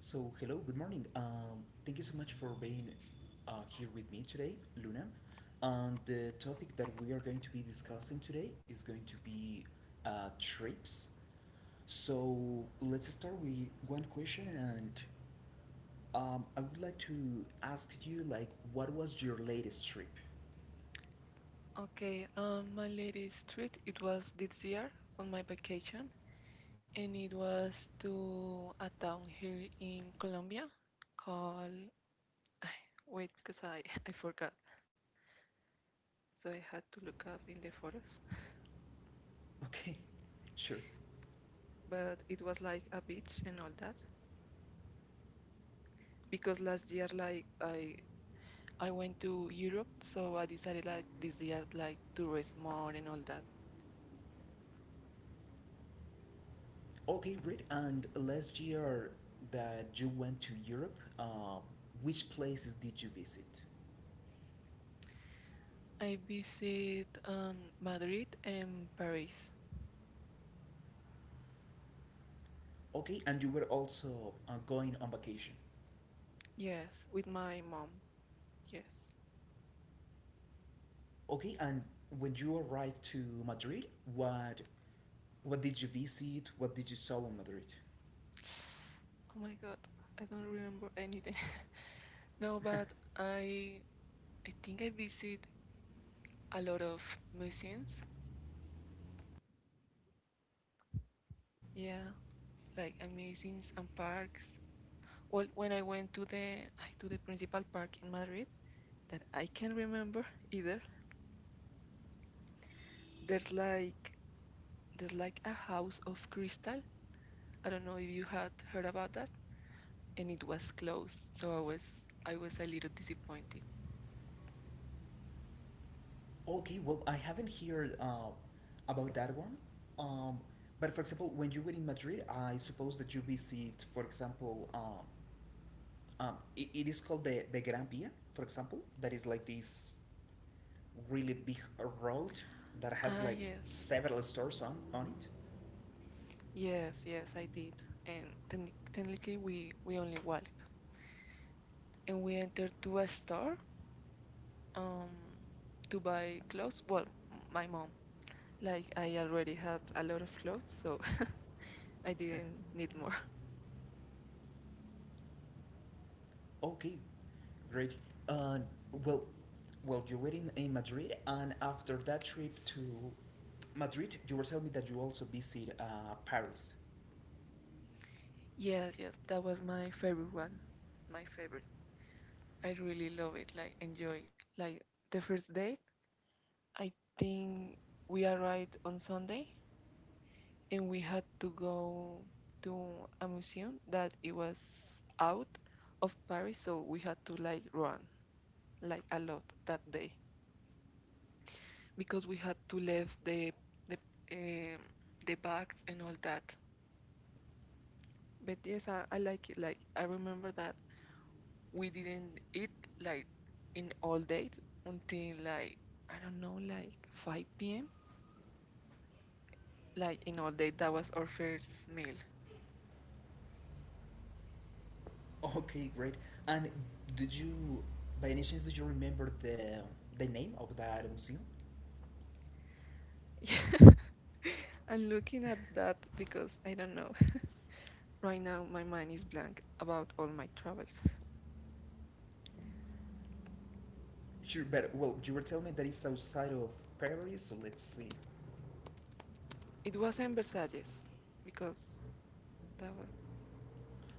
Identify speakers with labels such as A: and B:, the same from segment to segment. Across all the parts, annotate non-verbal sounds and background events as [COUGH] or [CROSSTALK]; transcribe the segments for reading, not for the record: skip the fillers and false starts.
A: So, hello, good morning. Thank you so much for being here with me today, Luna. And the topic that we are going to be discussing today is going to be trips. So, let's start with one question, and I would like to ask you, like, what was your latest trip? [LAUGHS]
B: Okay, my latest trip, it was this year on my vacation, and it was to a town here in Colombia called, [LAUGHS] [SIGHS] wait, because [LAUGHS] I forgot, so I had to look up in the photos,
A: Okay, sure.
B: but it was like a beach and all that, because last year, I went to Europe, so I decided, like, this year, like, to race more and all that.
A: Okay, great. And last year that you went to Europe, which places did you visit?
B: I visit, Madrid and Paris,
A: Okay, and you were also going on vacation.
B: yes, with my mom, yes.
A: Okay, and when you arrived to Madrid, what what did you visit? What did you saw in Madrid?
B: Oh my god, I don't remember anything. [LAUGHS] No, but I I think I visit a lot of museums. Yeah, like museums and parks. Well, when I went to the to the principal park in Madrid, that I can remember either. There's like there's like a house of crystal. I don't know if you had heard about that, and it was closed, so I was a little disappointed.
A: Okay, well I haven't heard about that one. Um, but for example, when you were in Madrid, I suppose that you visit, for example, it is called the Gran Via, for example. That is like this really big road that has
B: Ah,
A: like
B: yes.
A: several stores on it.
B: Yes, yes, I did. And technically, we only walk, and we entered to a store um to buy clothes. Well, my mom, like I already had a lot of clothes, so [LAUGHS] I didn't need more. [LAUGHS]
A: Okay, great. Uh, well, well, you were in Madrid, and after that trip to Madrid, you were telling me that you also visit Paris.
B: Yes, yes, that was my favorite one, my favorite. I really love it, like enjoy. Like the first date, I think we arrived on Sunday, and we had to go to a museum that it was out of Paris, so we had to like run like a lot that day because we had to leave the um, the bags and all that. But yes, I like it. Like I remember that we didn't eat like in all day until like I don't know like 5 p.m. Like in all day, that was our first meal.
A: Okay, great. And did you, by any chance, do you remember the name of that museum?
B: [LAUGHS] I'm looking at that because I don't know. Right now, my mind is blank about all my travels.
A: Sure, but well, you were telling me that it's outside of Paris, so let's see.
B: It wasn't Versailles, because that was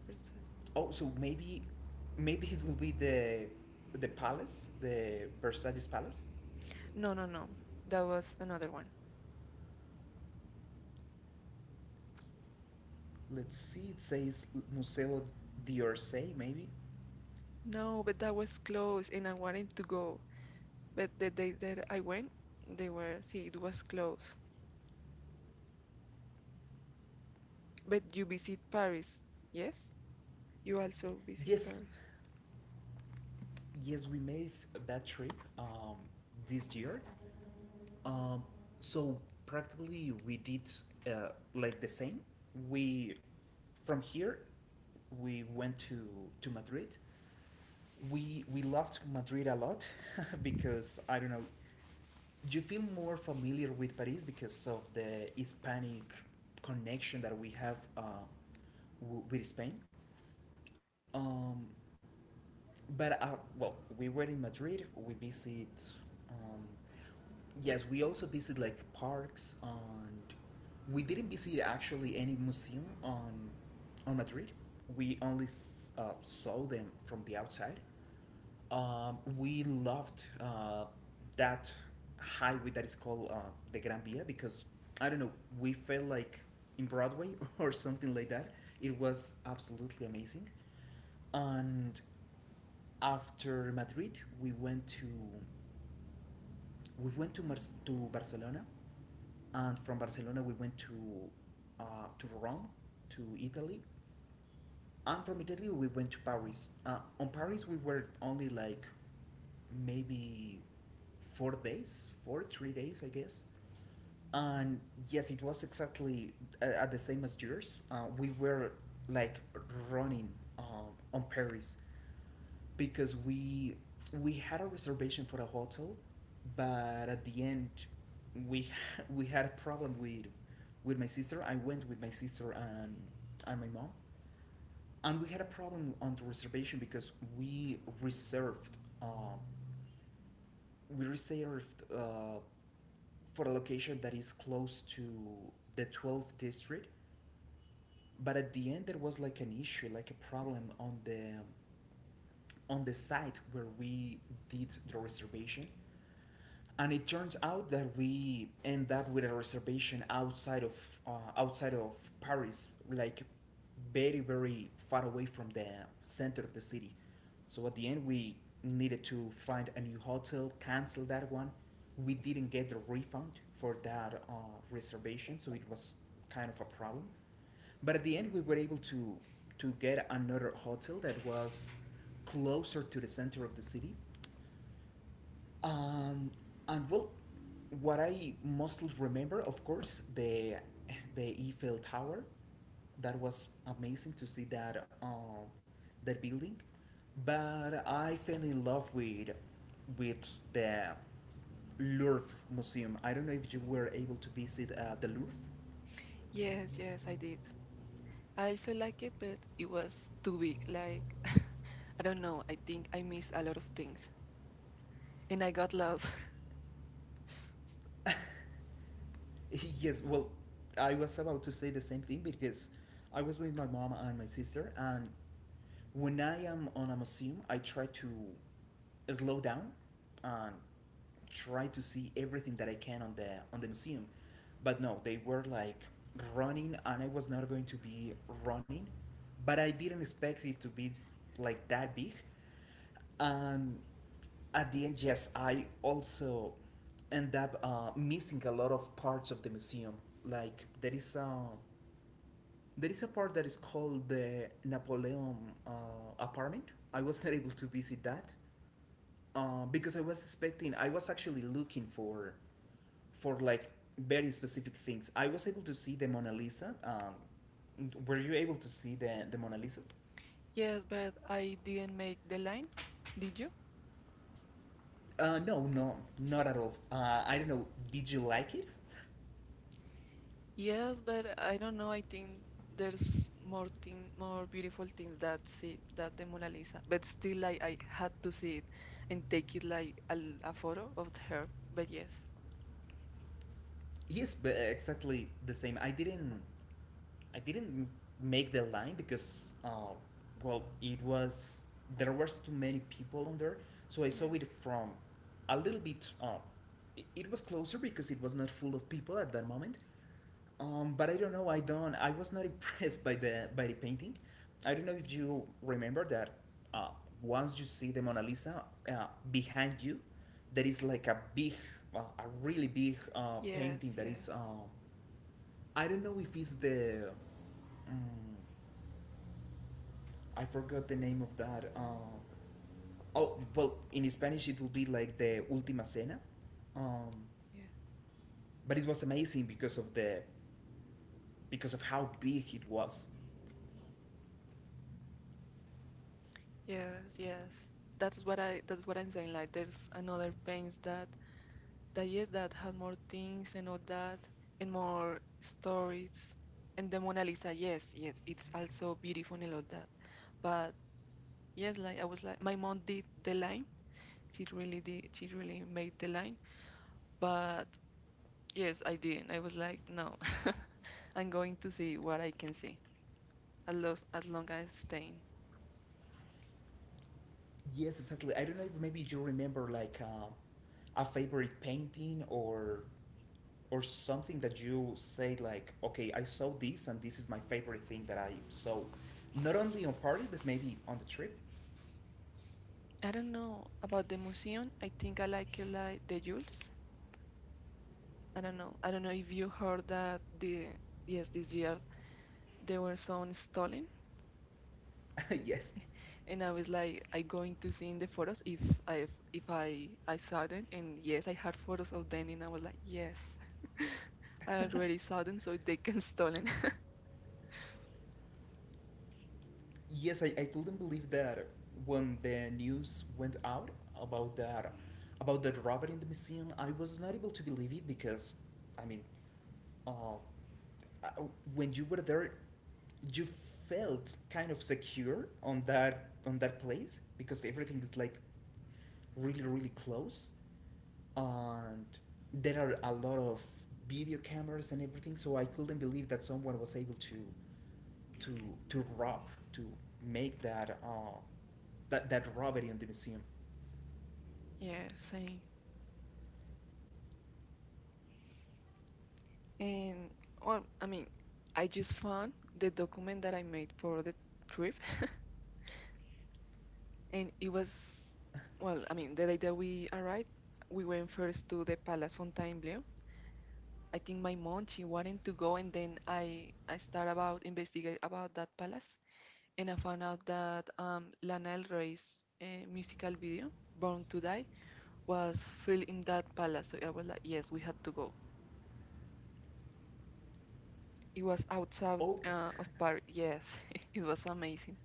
B: Versailles.
A: Oh, so maybe it will be the palace, the Versailles Palace.
B: No, no, no. That was another one.
A: Let's see, it says Museo d'Orsay, maybe?
B: No, but that was close, and I wanted to go. But the day that I went, they were, see, it was close. But you visit Paris, yes? You also visit
A: Yes,
B: Paris.
A: yes, we made that trip this year. Um, so practically we did like the same. We, from here, we went to Madrid. We loved Madrid a lot [LAUGHS] because, I don't know, you feel more familiar with Paris because of the Hispanic connection that we have with Spain. Um, But well, we were in Madrid. We visit. Um, yes, we also visit like parks and we didn't visit actually any museum on Madrid. We only saw them from the outside. We loved that highway that is called the Gran Via because I don't know. We felt like in Broadway [LAUGHS] or something like that. It was absolutely amazing and after Madrid, we went to Mar to Barcelona, and from Barcelona we went to Rome, to Italy, and from Italy we went to Paris. On Paris we were only like maybe 4 days, four three days, I guess. And yes, it was exactly at the same as yours. We were like running on Paris because we had a reservation for a hotel, but at the end we [LAUGHS] we had a problem with my sister. I went with my sister and my mom, and we had a problem on the reservation because we reserved we reserved uh, for a location that is close to the 12th district. But at the end, there was like an issue, like a problem on the site where we did the reservation and it turns out that we end up with a reservation outside of Paris, like very very far away from the center of the city. So at the end, we needed to find a new hotel, cancel that one. We didn't get the refund for that reservation, so it was kind of a problem. But at the end, we were able to get another hotel that was closer to the center of the city and well, what I mostly remember, of course, the Eiffel Tower. That was amazing to see that that building, but I fell in love with the Louvre Museum. I don't know if you were able to visit the Louvre.
B: Yes, yes, I did. I also like it, but it was too big. Like, [LAUGHS] I don't know. I think I missed a lot of things, and I got lost. [LAUGHS]
A: [LAUGHS] Yes, well, I was about to say the same thing because I was with my mom and my sister, and when I am on a museum, I try to slow down and try to see everything that I can on the museum. But no, they were like running and I was not going to be running, but I didn't expect it to be like that big. And at the end, yes, I also end up missing a lot of parts of the museum. Like there is a part that is called the Napoleon apartment. I was [LAUGHS] not able to visit that because I was expecting, I was actually looking for, like very specific things. I was able to see the Mona Lisa. Were you able to see the Mona Lisa?
B: Yes, but I didn't make the line. Did you?
A: No, no, not at all. I don't know. Did you like it?
B: Yes, but I don't know. I think there's more thing, more beautiful things that see that the Mona Lisa. But still, like I had to see it and take it like a photo of her. But yes,
A: Yes, but exactly the same. I didn't make the line because, well, it was there was too many people on there, so I saw
B: yes,
A: it from a little bit. It was closer because it was not full of people at that moment. But I don't know. I don't. I was not [LAUGHS] impressed by the painting. I don't know if you remember that. Uh, Once you see the Mona Lisa behind you, there is like a really big
B: yes,
A: painting that is.
B: yes,
A: I don't know if it's the. Um, I forgot the name of that. Oh well, in Spanish it will be like the Ultima Cena, um,
B: yes,
A: but it was amazing because of the because of how big it was.
B: yes, yes. That's what I'm saying. Like there's another paint that yes, that had more things and all that and more stories. And the Mona Lisa, yes, yes, it's also beautiful and all that. But yes, like I was like, my mom did the line. She really did. She really made the line. But yes, I didn't. I was like, no, [LAUGHS] I'm going to see what I can see as long as long as staying.
A: Yes, exactly. I don't know if maybe you remember like a favorite painting or something that you say like, okay, I saw this and this is my favorite thing that I saw, not only on parties but maybe on the trip.
B: I don't know about the museum. I think I like it like the Jules. I don't know. I don't know if you heard that the yes this year they were some stolen
A: [LAUGHS] Yes,
B: and I was like I going to see in the photos if I saw them and yes I had photos of them and I was like yes I already saw them so they can stolen.
A: yes, I couldn't believe that when the news went out about that about the robber in the museum, I was not able to believe it because, I mean, uh, uh, when you were there, you felt kind of secure on that place because everything is like really really close, and there are a lot of video cameras and everything. So I couldn't believe that someone was able to to rob to make that that robbery on the museum.
B: [LAUGHS] Yeah, same. And well I mean I just found the document that I made for the trip [LAUGHS] and it was the day that we arrived we went first to the Palace Fontainebleau. I think my mom she wanted to go and then I start about investigate about that palace and I found out that Lana Del Rey's musical video, Born to Die, was filmed in that palace. So I was like, yes, we had to go. It was outside
A: Oh,
B: of Paris. Yes, [LAUGHS] it was amazing.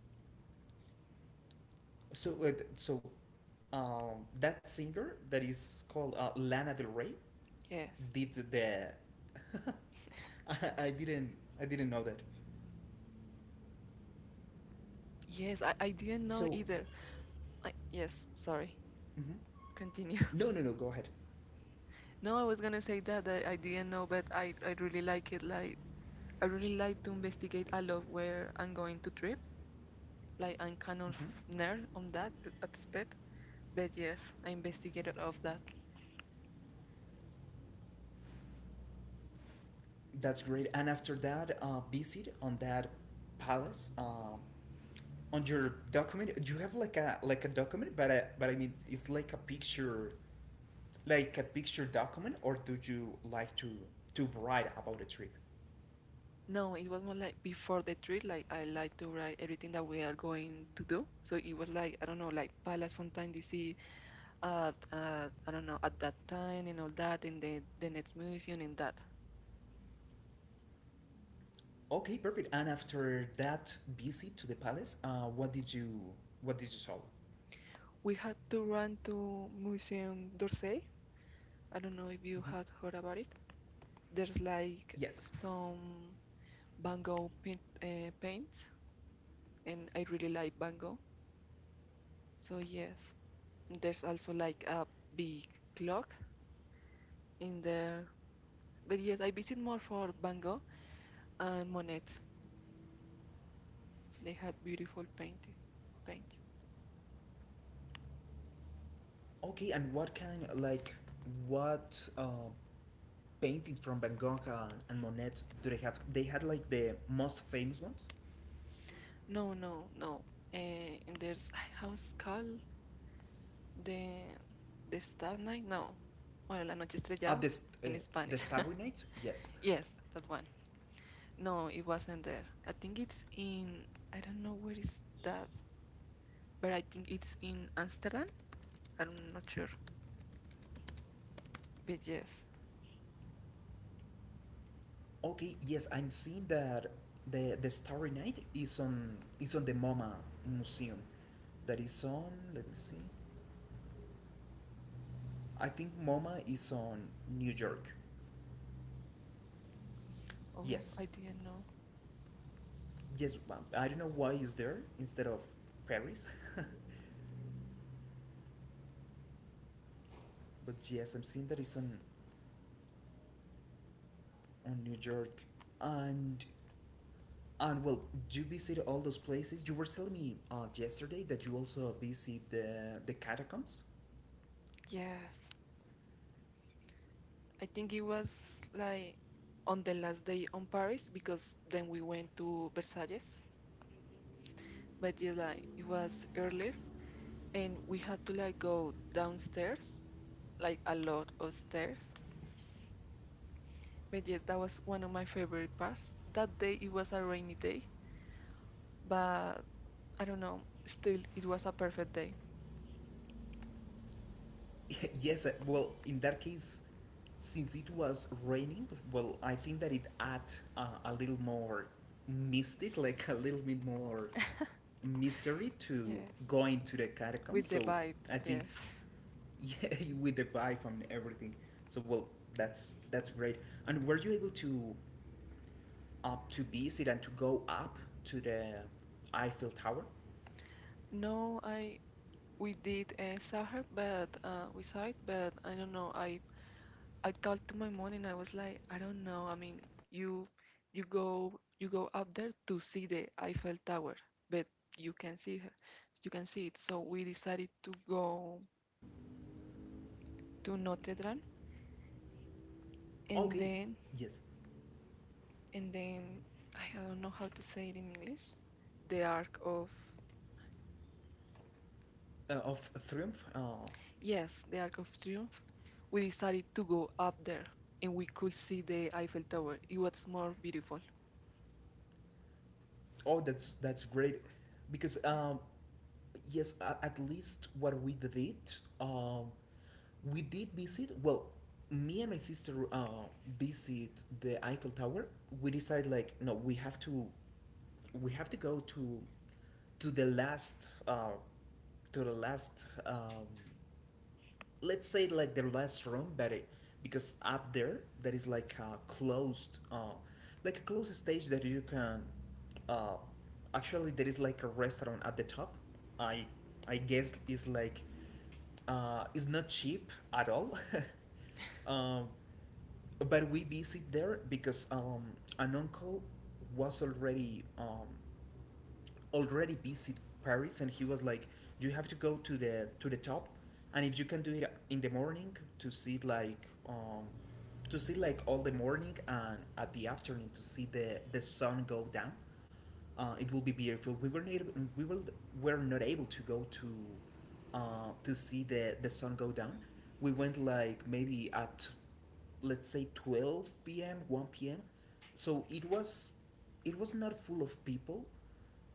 A: so that singer that is called Lana Del Rey.
B: Yes.
A: Did the [LAUGHS] I, I didn't I didn't know that.
B: Yes, I didn't know
A: So
B: either. Sorry.
A: mhm.
B: Continue. [LAUGHS]
A: No no no go ahead.
B: No, I was gonna say that, that I didn't know, but I really like it. Like I really like to investigate a lot where I'm going to trip. Like I'm kind of
A: Mhm.
B: nerd on that aspect. But yes, I investigated of that.
A: That's great. And after that visit on that palace on your document do you have like a document but I mean it's like a picture a picture document or do you like to write about the trip?
B: No, it was more like before the trip, like I like to write everything that we are going to do. So it was like, I don't know, like Palas Fontaine DC I don't know, at that time and all that, and the next museum and that.
A: Okay, perfect. And after that visit to the palace, what did you saw?
B: We had to run to Museum d'Orsay. I don't know if you
A: Mhm.
B: had heard about it. There's like
A: Yes.
B: some Van Gogh paint, paints, and I really like Van Gogh. So yes, there's also like a big clock in there. But yes, I visit more for Van Gogh and Monet. They had beautiful paintings. Paints.
A: Okay, and what kind like what paintings from Van Gogh and, Monet do they have? They had like the most famous ones.
B: No, no, no. Eh, and there's [SIGHS] how's called the the Star Night? No. Bueno, la noche
A: Uh,
B: estrellada
A: the st- uh,
B: in
A: the
B: Spanish.
A: Starry Night. Yes.
B: [LAUGHS] Yes, that one. No, it wasn't there. I think it's in I don't know where is that, but I think it's in Amsterdam. I'm not sure. But yes.
A: Okay. Yes, I'm seeing that the Starry Night is on the MoMA museum. That is on. Let me see. I think MoMA is on New York.
B: Oh,
A: Yes.
B: I didn't know.
A: Yes. I don't know why it's there instead of Paris. [LAUGHS] But yes, I'm seeing that it's on and New York and well, you visit all those places. You were telling me yesterday that you also visit the catacombs.
B: Yes. I think it was like on the last day on Paris because then we went to Versailles, but yeah, like it was earlier and we had to like go downstairs, like a lot of stairs. But yes, that was one of my favorite parts. That day it was a rainy day, but I don't know, still it was a perfect day.
A: [LAUGHS] Yes, well, in that case, since it was raining, well, I think that it add a little more mystic, [LAUGHS] like a little bit more
B: [LAUGHS]
A: mystery to
B: Yes,
A: going to the catacombs.
B: with the
A: So
B: vibe,
A: I think,
B: yes.
A: [LAUGHS] yeah, with the vibe and everything. So well, that's great. And were you able to Up to visit and to go up to the Eiffel Tower.
B: No, I we did saw her, but we saw it, but I don't know. I talked to my mom and I was like, I don't know. I mean, you you go up there to see the Eiffel Tower, but you can see her, you can see it. So we decided to go to Notre Dame, and
A: Okay,
B: then
A: yes,
B: and then I don't know how to say it in English. The Arc of
A: of Triumph.
B: yes, the Arc of Triumph. We decided to go up there, and we could see the Eiffel Tower. It was more beautiful.
A: Oh, that's great, because yes, at least what um, we did visit. Well, me and my sister visit the Eiffel Tower. We decide like no, we have to go to the last, to the last. Let's say like the last room but it because up there that is like a closed stage that you can uh actually there is like a restaurant at the top i I guess is like it's not cheap at all. [LAUGHS] um but we visit there because an uncle was already visit Paris, and he was like, "You have to go to the top, and if you can do it in the morning to see like all the morning and at the afternoon to see the sun go down, it will be beautiful." We were not we will were not able to go to see the sun go down. We went like maybe at let's say 12 p.m. 1 p.m. So it was not full of people,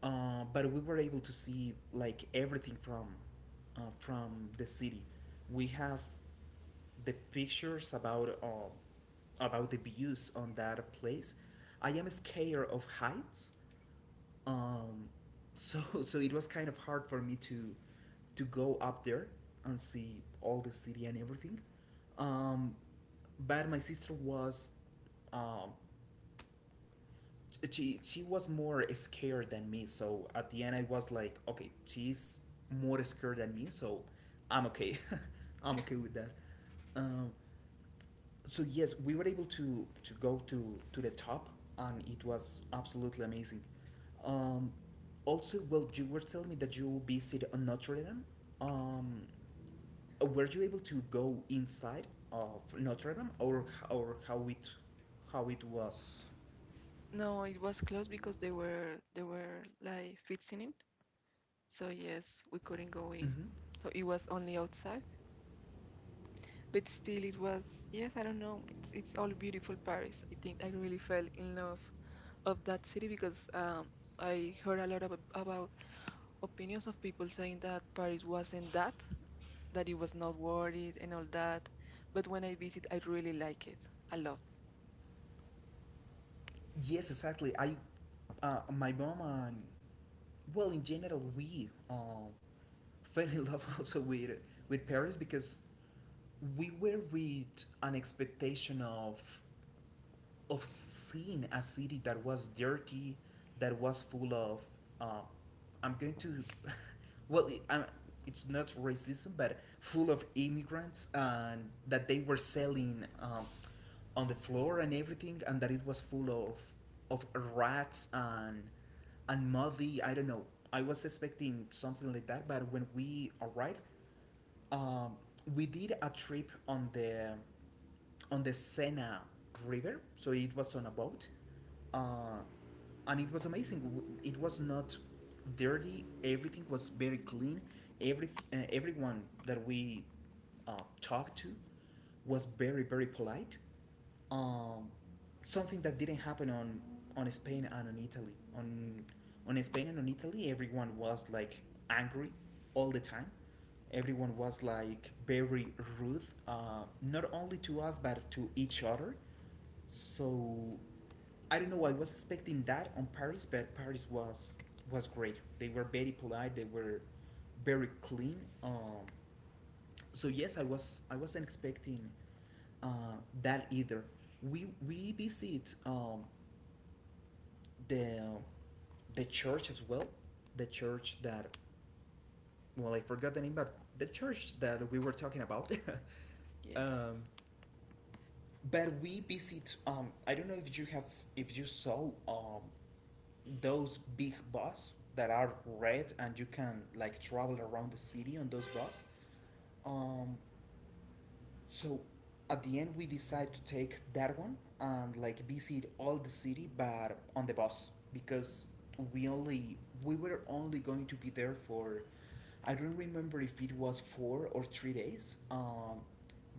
A: but we were able to see like everything from the city. We have the pictures about the views on that place. I am scared of heights, um, so [LAUGHS] so it was kind of hard for me to go up there and see all the city and everything. Um, but my sister was, um, she was more scared than me, so at the end I was like, okay, she's more scared than me, so I'm okay, [LAUGHS] I'm okay with that. um, so yes, we were able to go to the top, and it was absolutely amazing. um, Also, well, you were telling me that you visited on Notre Dame. um, were you able to go inside of Notre Dame, or or how it how it was?
B: No, it was closed because they were like fixing it. So yes, we couldn't go in.
A: Hmm.
B: So it was only outside. But still it was yes, I don't know. It's all beautiful Paris. I think I really fell in love of that city because I heard a lot of about opinions of people saying that Paris wasn't that, that it was not worth it and all that. But when I visit, I really like it a lot.
A: Yes, exactly. I My mom and, well, in general, we, [LAUGHS] fell in love also with Paris, because we were with an expectation of seeing a city that was dirty, that was full of. Uh, I'm going to, well, it's not racism, but full of immigrants, and that they were selling, on the floor and everything, and that it was full of rats and muddy. I don't know. I was expecting something like that, but when we arrived, um, we did a trip on the Sena River, so it was on a boat, uh, and it was amazing. It was not dirty; everything was very clean. Everyone that we uh, talked to was very, very polite, um, something that didn't happen on Spain and on Italy. On on Spain and on Italy, everyone was like angry all the time. Everyone was like very rude, not only to us but to each other. So I don't know. I was expecting that on Paris, but Paris was great. They were very polite. They were very clean. So yes, I wasn't expecting, uh, that either. We visit, the the church as well, the church that, well, I forgot the name, but the church that we were talking about. [LAUGHS]
B: Yes.
A: um, but we visit. I don't know if you have, if you saw, those big bus that are red and you can like travel around the city on those buses. Um, So at the end, we decide to take that one and like visit all the city, but on the bus, because we only we were only going to be there for, I don't remember if it was four or three days,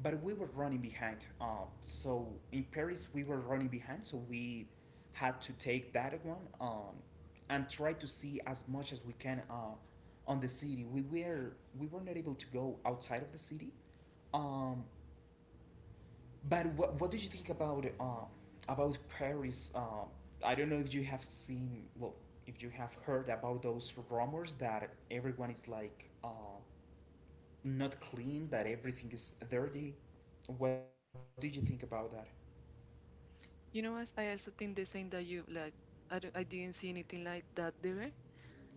A: but we were running behind. So in Paris, we were running behind, so we had to take that one, and try to see as much as we can, on the city. We were not able to go outside of the city, um, but what do you think about, about Paris? I don't know if you have seen, well, if you have heard about those rumors that everyone is like, not clean, that everything is dirty. What do you think about that?
B: You know what? I also think the same that you like. I didn't see anything like that there.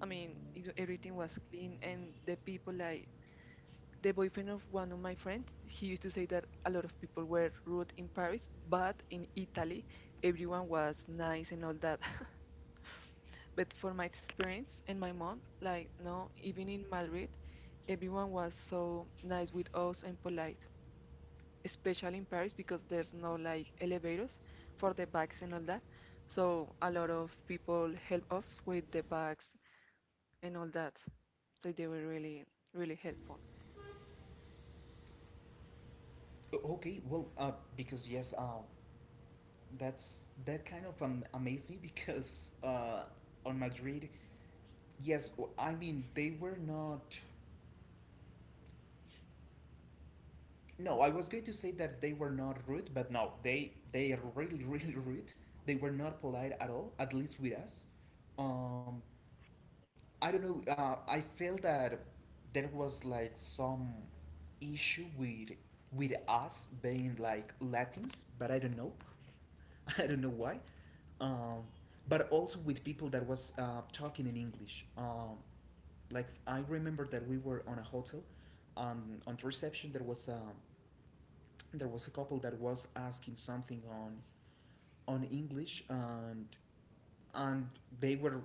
B: I mean, you know, everything was clean and the people like the boyfriend of one of my friends, he used to say that a lot of people were rude in Paris, but in Italy, everyone was nice and all that. [LAUGHS] But for my experience and my mom, like, no, even in Madrid, everyone was so nice with us and polite, especially in Paris because there's no like elevators for the bags and all that. So a lot of people help us with the bags and all that. So they were really, really helpful.
A: Okay, well, because yes, that's that kind of amazed me [LAUGHS] because on Madrid, yes, I mean they were not. No, I was going to say that they were not rude, but no, they are really [LAUGHS] really rude. They were not polite at all, at least with us. Um, I don't know. I feel that there was like some issue with us being like Latins, but I don't know. [LAUGHS] I don't know why. Um, but also with people that was, talking in English. Like I remember that we were on a hotel, on the reception there was, there was a couple that was asking something on English, and they were,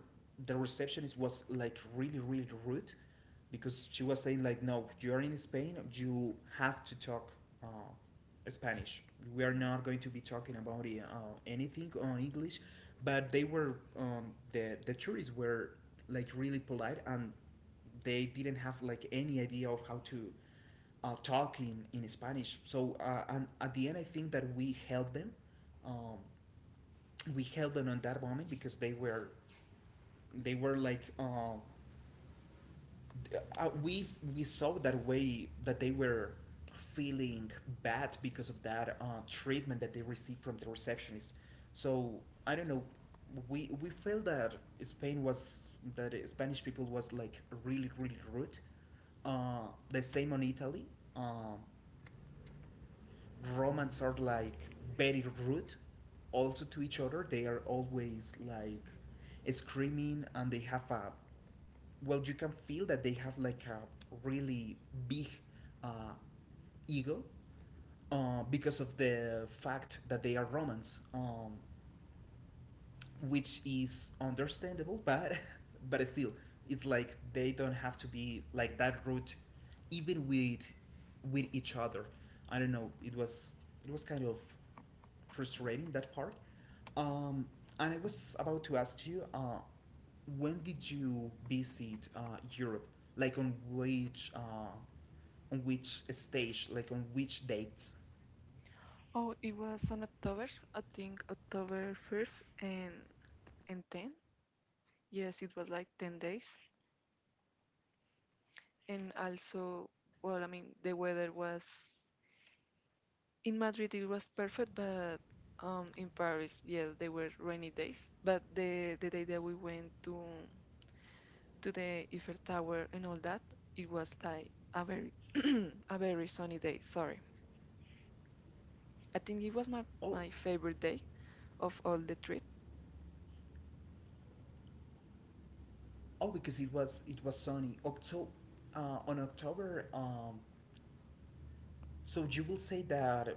A: the receptionist was like really, really rude, because she was saying like, no, you're in Spain, you have to talk, uh, Spanish, we are
B: Mm.
A: not going to be talking about, anything on English, but they were, the tourists were like really polite, and they didn't have like any idea of how to, talk in Spanish, so, and at the end I think that we helped them, um, we held on that moment, because they were, they were like uh, uh, we we saw that way that they were feeling bad because of that, treatment that they received from the receptionist. So I don't know. We felt that Spain was, that, Spanish people was like really, really rude. The same on Italy. Um, Romans are like very rude, also to each other, they are always like screaming, and they have a, well, you can feel that they have like a really big, uh, ego, because of the fact that they are Romans, which is understandable, but [LAUGHS] but still, it's like they don't have to be like that rude, even with each other. I don't know. It was kind of frustrating, that part. Um, and I was about to ask you, when did you visit, Europe? Like on which, on which stage? Like on which dates?
B: Oh, it was on October, I think October 1st and 10. Yes, it was like 10 days. And also, the weather was in Madrid it was perfect, but in Paris, yes, they were rainy days. But the day that we went to the Eiffel Tower and all that, it was like a very [CLEARS THROAT] a very sunny day. Sorry. I think it was
A: Oh,
B: my favorite day of all the trip.
A: oh, because it was, it was sunny. On October. So you will say that,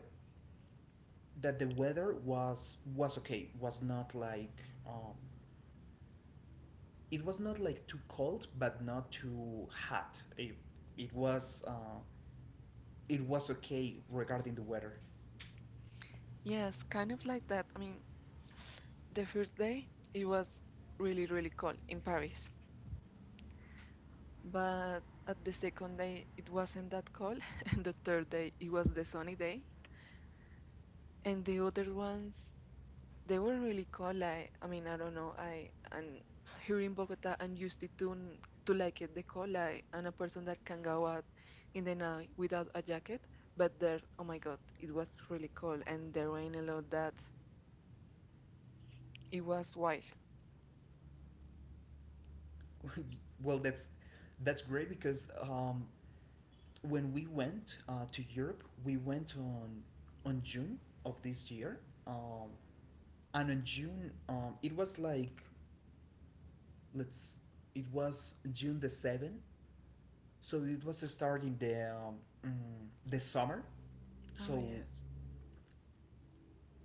A: that the weather was okay. Was not like, it was not like too cold, but not too hot. It was, it was okay regarding the weather.
B: Yes, kind of like that. The first day, it was really, really cold in Paris. But at the second day, it wasn't that cold. [LAUGHS] And the third day, it was the sunny day. And the other ones, they were really cold. I mean, I don't know. I and here in Bogota, I'm used to to like it the cold. I'm a person that can go out in the night without a jacket. But there, oh my God, it was really cold, and the rain a lot. That it was wild.
A: [LAUGHS] Well, that's great because, when we went, to Europe, we went on June of this year. Um, and on June, it was like, let's it was June the 7th, so it was starting the, the summer.
B: Oh,
A: So
B: yes.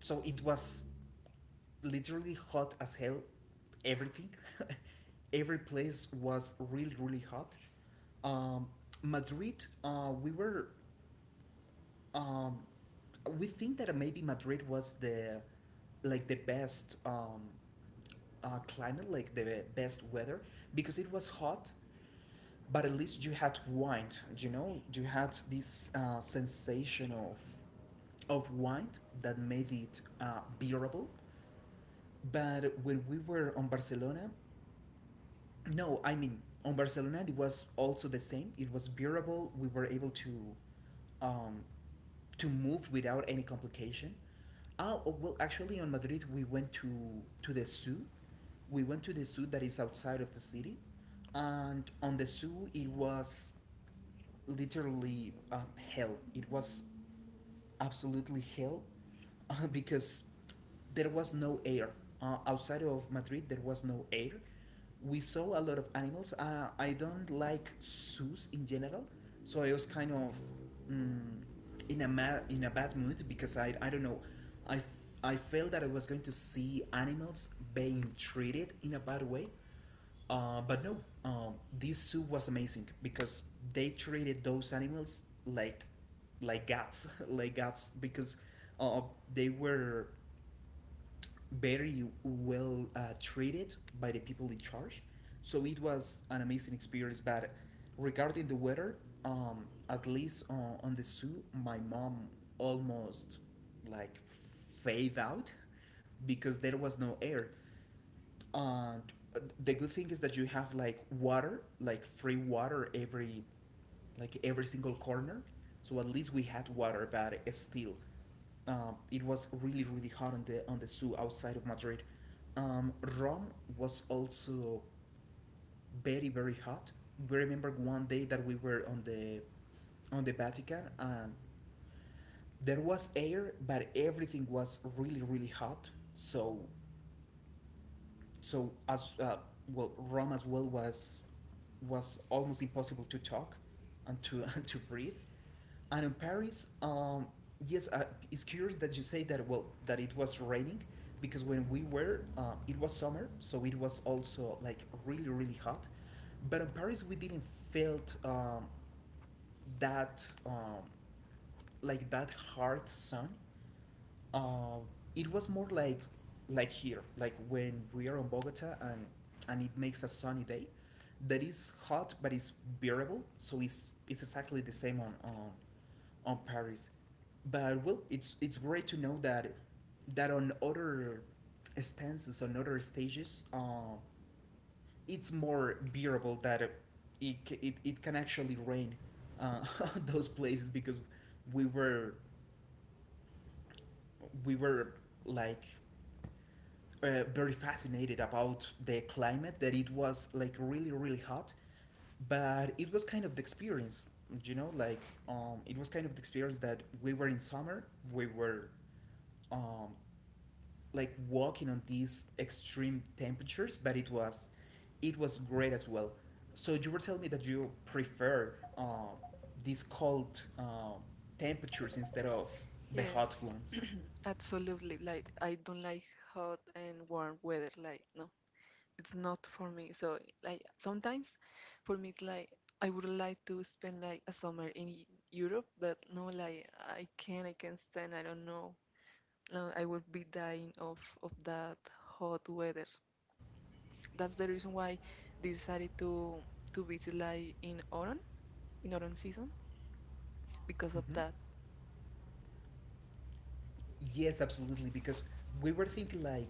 A: so it was literally hot as hell, everything. [LAUGHS] Every place was really, really hot. um, Madrid, we were, um, we think that maybe Madrid was the, like the best, climate, like the best weather, because it was hot, but at least you had wine, you know, you had this, sensation of wine, that made it, bearable. But when we were on Barcelona, no, I mean on Barcelona it was also the same, it was bearable, we were able to, um, to move without any complication. Oh, oh, well, actually on Madrid we went to the zoo, we went to the zoo that is outside of the city, and on the zoo it was literally, hell. It was absolutely hell, because there was no air. Outside of Madrid, there was no air. We saw a lot of animals. I don't like zoos in general, so I was kind of, um, in a in a bad mood because I don't know. I felt that I was going to see animals being treated in a bad way, but no, this zoo was amazing because they treated those animals like gods, [LAUGHS] like gods, because, uh, they were very well, treated by the people in charge. So it was an amazing experience. But regarding the weather, at least, on the zoo, my mom almost like fade out [LAUGHS] because there was no air. And the good thing is that you have like water, like free water, every like every single corner, so at least we had water. But it's still, it was really, really hot on the zoo outside of Madrid. um, Rome was also very, very hot. We remember one day that we were on the Vatican, and there was air, but everything was really, really hot. So so as, well, Rome as well was almost impossible to talk and to [LAUGHS] to breathe. And in Paris, yes, it's curious that you say that. Well, that it was raining because when we were, it was summer, so it was also like really, really hot. But in Paris, we didn't felt, that, like that hard sun, uh, it was more like here, like when we are in Bogota, and it makes a sunny day that is hot but it's bearable. So it's exactly the same on Paris. But well, it's great to know that that on other on other stages, it's more bearable that it, it can actually rain uh, [LAUGHS] those places because we were we were like very fascinated about the climate that it was like really really hot but it was kind of the experience you know like it was kind of the experience that we were in summer we were um, like walking on these extreme temperatures but it was great as well. So you were telling me that you prefer these cold temperatures instead of the
B: Yes.
A: hot ones.
B: Absolutely. Like I don't like hot and warm weather. Like no, it's not for me. So like sometimes for me it's like I would like to spend like a summer in Europe, but no, like I can't. I can't stand. I don't know. No, I would be dying of that hot weather. That's the reason why decided to visit like in autumn season because of that.
A: Yes, absolutely. Because we were thinking like,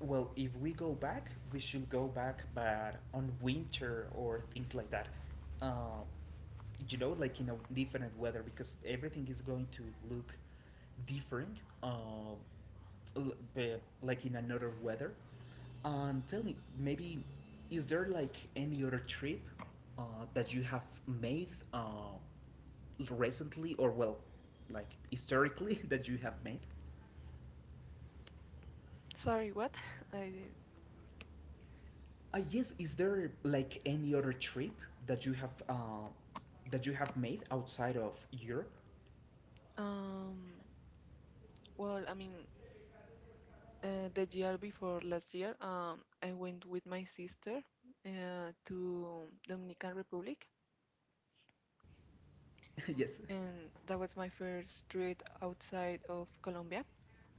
A: well, if we go back, we should go back, but on winter or things like that. Uh, you know, like in a different weather, because everything is going to look different, l- b- like in another weather. And tell me, maybe is there like any other trip uh, that you have made recently, or well, like historically [LAUGHS] that you have made?
B: Sorry, what? [LAUGHS] I
A: Yes, is there like any other trip that you have uh, that you have made outside of Europe?
B: um. Well, I mean, the year before last year, I went with my sister to Dominican Republic,
A: [LAUGHS] Yes,
B: and that was my first trip outside of Colombia.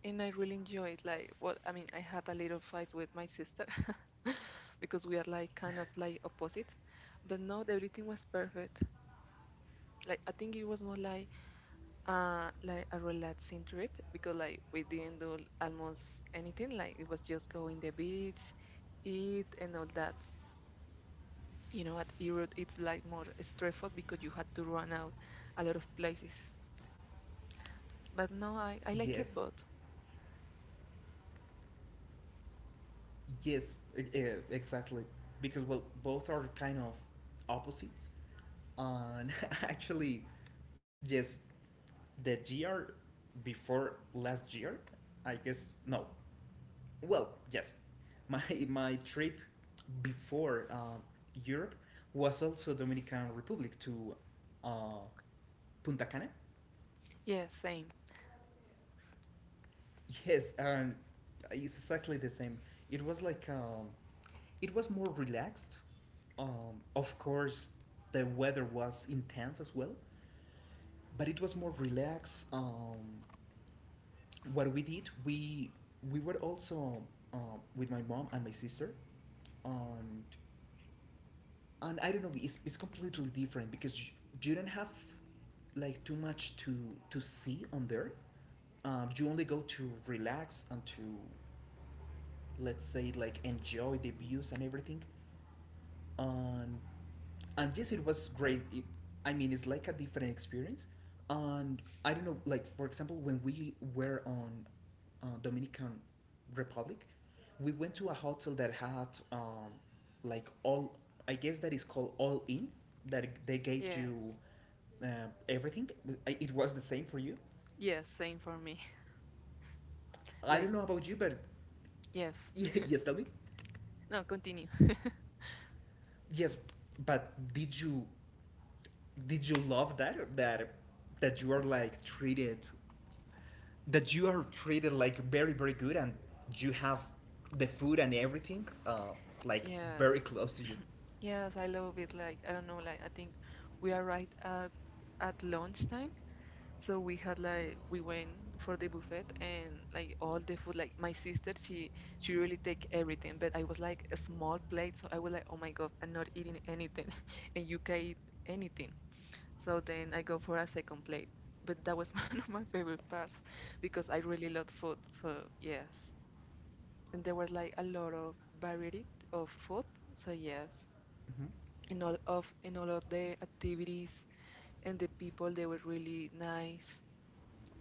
B: And I really enjoyed like well, I mean, I had a little fight with my sister [LAUGHS] because we are like kind of like opposites, but no, everything was perfect. Like I think it was more like a relaxing trip because like we didn't do almost anything. Like it was just go in the beach, eat and all that. You know, at Europe, it's like more straightforward because you had to run out a lot of places. But no, I like it
A: yes,
B: both.
A: yes, exactly. Because well, both are kind of opposites, and [LAUGHS] actually, yes, the year before last year, I guess no. Well, yes, my [LAUGHS] my trip before Europe was also Dominican Republic to uh, Punta Cana.
B: Yes, same.
A: Yes, and it's exactly the same. It was like it was more relaxed. Of course, the weather was intense as well, but it was more relaxed. What we did, we were also with my mom and my sister, and and I don't know, it's completely different because you don't have like too much to see on there. You only go to relax and to let's say like enjoy the views and everything, um, and yes, it was great. I mean, it's like a different experience. And I don't know, like for example, when we were on Dominican Republic, we went to a hotel that had like all. I guess that is called all in. That they gave
B: Yes.
A: you uh, everything. It was the same for you.
B: Yes, same for me. [LAUGHS]
A: I
B: Like,
A: don't know about you, but
B: yes.
A: [LAUGHS] yes, tell me.
B: No, continue. [LAUGHS]
A: Yes, but did you love that that you are like treated that you are treated like very very good and you have the food and everything like
B: Yes,
A: very close to you.
B: yes, I love it. Like, I don't know, like, I think we are right at lunchtime, so we had like we went for the buffet and like all the food like my sister she really take everything, but I was like a small plate, so I was like, oh my god, I'm not eating anything [LAUGHS] and you can eat anything, so then I go for a second plate, but that was [LAUGHS] one of my favorite parts because I really love food, so yes. And there was like a lot of variety of food, so yes,
A: Mm-hmm.
B: in all of the activities and the people they were really nice,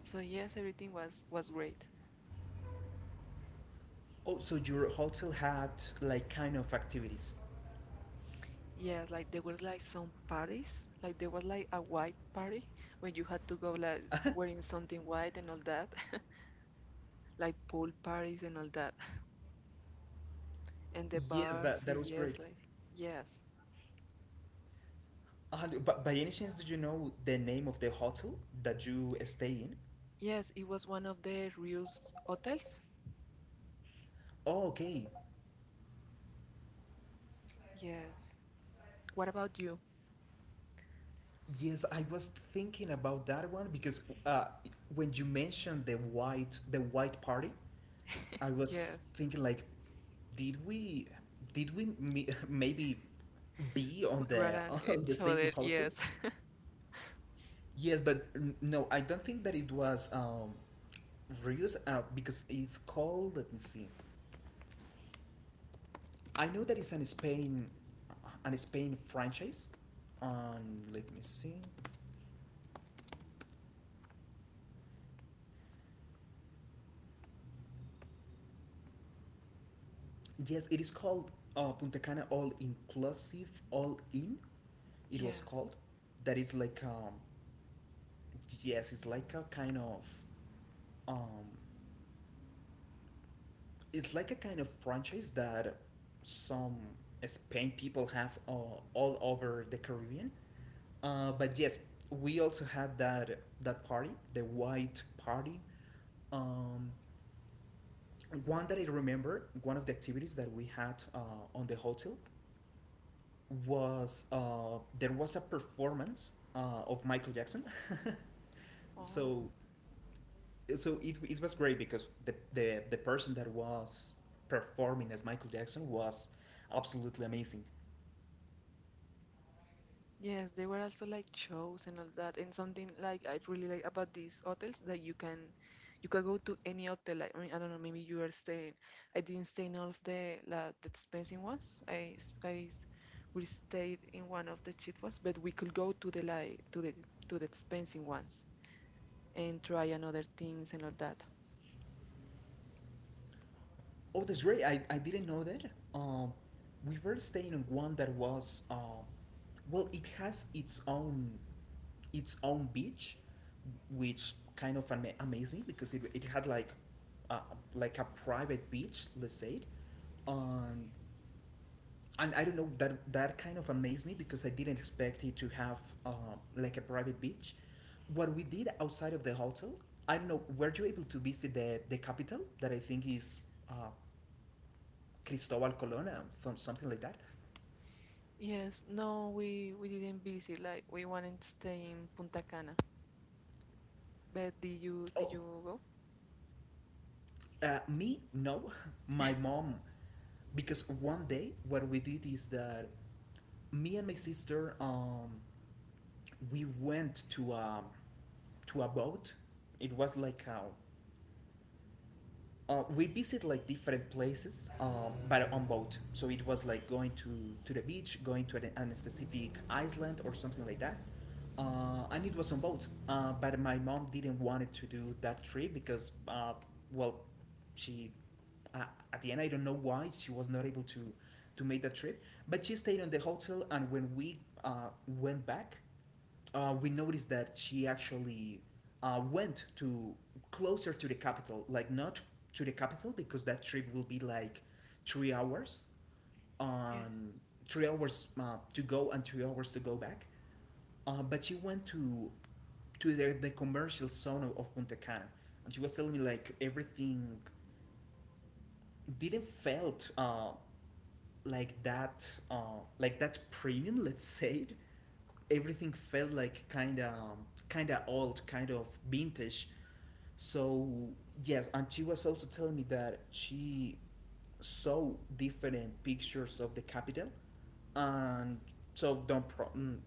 B: so yes, everything was great.
A: Oh, so your hotel had like kind of activities.
B: Yes, like there was like some parties, like there was like a white party where you had to go like wearing something white and all that, [LAUGHS] like pool parties and all that, and the
A: Yes,
B: bars.
A: that,
B: So
A: that was
B: yes,
A: great.
B: like yes,
A: But by any chance did you know the name of the hotel that you stay in?
B: yes, it was one of the Rio's hotels.
A: Oh, okay.
B: Yes. What about you?
A: Yes, I was thinking about that one because when you mentioned the white party, I was
B: Yes,
A: thinking like, did we [LAUGHS] maybe be on
B: we ran
A: the [LAUGHS]
B: on
A: on the
B: each
A: same
B: other.
A: hotel?
B: Yes. [LAUGHS]
A: Yes, but no, I don't think that it was Rios because it's called. Let me see. I know that it's an Spain franchise. On let me see. Yes, it is called Punta Cana All Inclusive, All In. It was
B: Yes.
A: called. That is like yes, it's like a kind of um, it's like a kind of franchise that some Spain people have all over the Caribbean. But yes, we also had that that party, the white party. Um, One that I remember, one of the activities that we had on the hotel was there was a performance of Michael Jackson. [LAUGHS]
B: Oh.
A: So so it was great because the person that was performing as Michael Jackson was absolutely amazing.
B: Yes, there were also like shows and all that, and something like I really like about these hotels that you can go to any hotel. Like I mean, I don't know, maybe you are staying. I didn't stay in all of the expensive ones. We stayed in one of the cheap ones, but we could go to the like to the expensive ones and try another things and all that.
A: Oh, that's great! I didn't know that. Um, we were staying in one that was well, it has its own beach, which kind of amazed me because it had uh, like a private beach, let's say, and and I don't know that that kind of amazed me because I didn't expect it to have uh, like a private beach. What we did outside of the hotel, I don't know. Were you able to visit the capital that I think is uh, Cristobal Colón, something like that?
B: Yes, no, we didn't visit. Like we wanted to stay in Punta Cana. But did you did
A: Oh,
B: you go?
A: me no, [LAUGHS] my mom, because one day what we did is that me and my sister, we went to a boat. It was like a we visit like different places, but on boat. So it was like going to the beach, going to an specific island or something like that. And it was on boat. But my mom didn't want it to do that trip because, well, she uh, at the end I don't know why she was not able to make that trip. But she stayed on the hotel, and when we went back, we noticed that she actually went to closer to the capital, like not to the capital because that trip will be like 3 hours
B: Yeah.
A: on 3 hours to go and 3 hours to go back. But she went to the commercial zone of Punta Cana, and she was telling me like everything didn't felt like that premium, let's [LAUGHS] say, everything felt like kind of old, kind of vintage. So yes, and she was also telling me that she saw different pictures of the capital, and so don't pro- mm,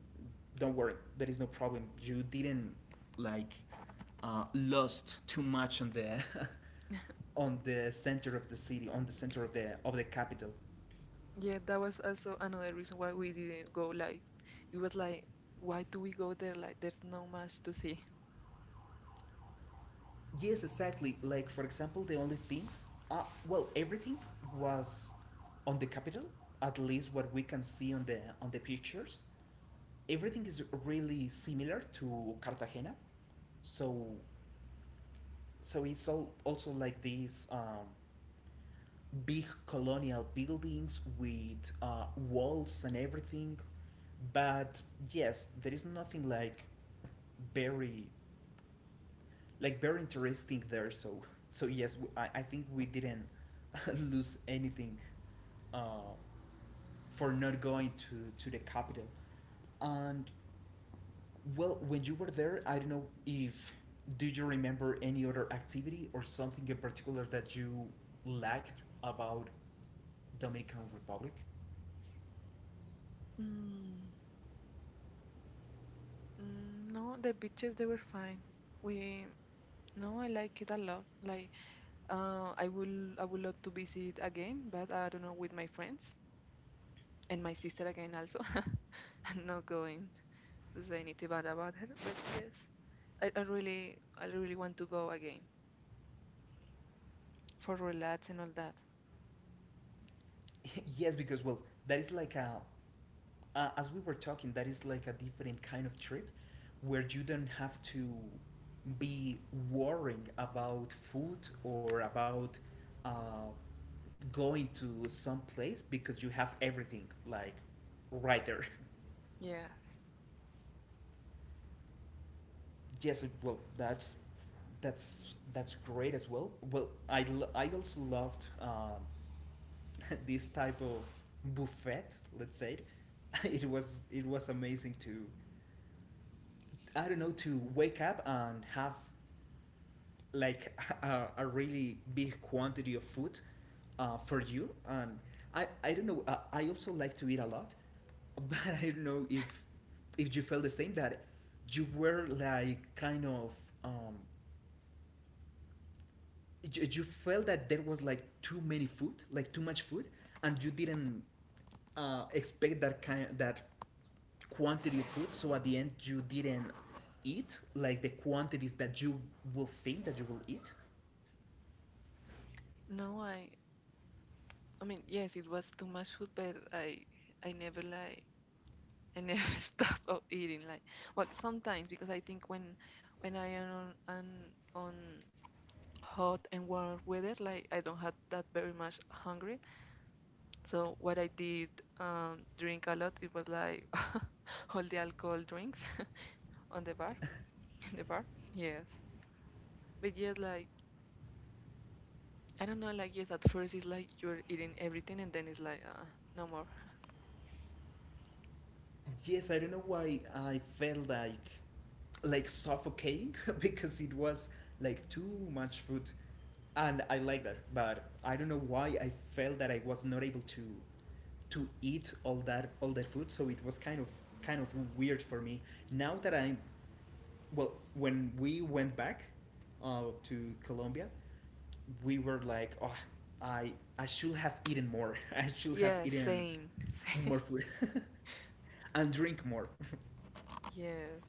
A: don't worry, there is no problem. You didn't like lost too much on the [LAUGHS] on the center of the city, on the center of the capital.
B: Yeah, that was also another reason why we didn't go. Like, it was like, why do we go there? Like, there's no much to see.
A: Yes, exactly. Like for example, the only things, well, everything was on the capital. At least what we can see on the pictures, everything is really similar to Cartagena. So so it's all also like these big colonial buildings with walls and everything. But yes, there is nothing like very like very interesting there. So so yes, I think we didn't [LAUGHS] lose anything uh, for not going to the capital. And well, when you were there, I don't know if do you remember any other activity or something in particular that you liked about Dominican Republic?
B: Mm, no, the beaches they were fine. We No, I like it a lot. Like, I would love to visit again, but I don't know, with my friends and my sister again also. [LAUGHS] I'm not going to say anything bad about her, but yes, I really want to go again for relax and all that.
A: [LAUGHS] Yes, because well, that is like a as we were talking, that is like a different kind of trip where you don't have to be worrying about food or about uh, going to some place because you have everything like right there. [LAUGHS]
B: Yeah.
A: Yes, well, that's that's great as well. Well, I also loved [LAUGHS] this type of buffet. Let's say [LAUGHS] it. Was it was amazing to I don't know to wake up and have like [LAUGHS] a really big quantity of food for you and I don't know I also like to eat a lot [LAUGHS] but I don't know if you felt the same that you were like kind of um, you felt that there was like too many food like too much food and you didn't expect that kind that quantity of food so at the end you didn't eat like the quantities that you will think that you will eat.
B: No, I mean, yes, it was too much food, but I never like I never [LAUGHS] stop of eating. Like, well, sometimes because I think when I am on hot and warm weather, like I don't have that very much hungry. So what I did drink a lot. It was like [LAUGHS] all the alcohol drinks [LAUGHS] on the bar [LAUGHS] in the bar. Yes, but yes, like I don't know. Like yes, at first it's like you're eating everything, and then it's like no more.
A: Yes, I don't know why I felt like suffocating [LAUGHS] because it was like too much food and I like that, but I don't know why I felt that I was not able to eat all that food, so it was kind of weird for me. Now that I'm well, when we went back to Colombia, we were like, oh, I I should have eaten more. [LAUGHS] I should have
B: Yes,
A: eaten
B: same, [LAUGHS] same.
A: more food and drink more.
B: Yes.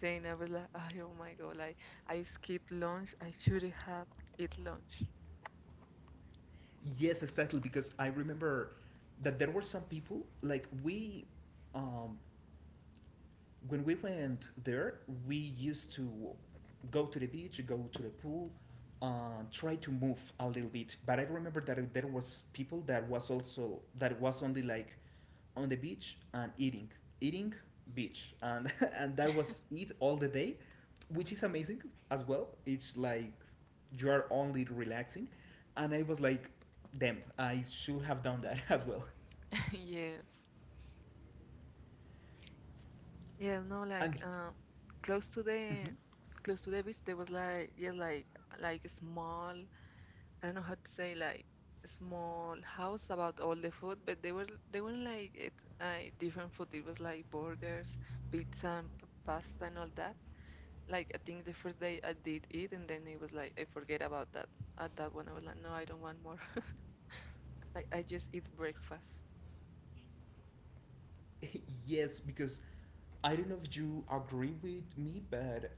B: Same, I was like, "Ay, oh my God, like I skipped lunch. I should have eat lunch."
A: Yes, exactly. Because I remember that there were some people like we, um, when we went there, we used to go to the beach, go to the pool, try to move a little bit. But I remember that there was people that was also that was only like on the beach and eating, eating beach, and [LAUGHS] and that was it all the day, which is amazing as well. It's like you are only relaxing, and I was like, damn, I should have done that [LAUGHS] as well.
B: [LAUGHS] Yeah. Yeah, no, like
A: And
B: close to the close to the beach there was like yeah, like a small, I don't know how to say, like a small house about all the food, but they weren't like it, like different food. It was like burgers, pizza and pasta and all that. Like I think the first day I did eat, and then it was like I forget about that. At that one I was like, no, I don't want more. Like I just eat breakfast.
A: [LAUGHS] yes, because I don't know if you agree with me, but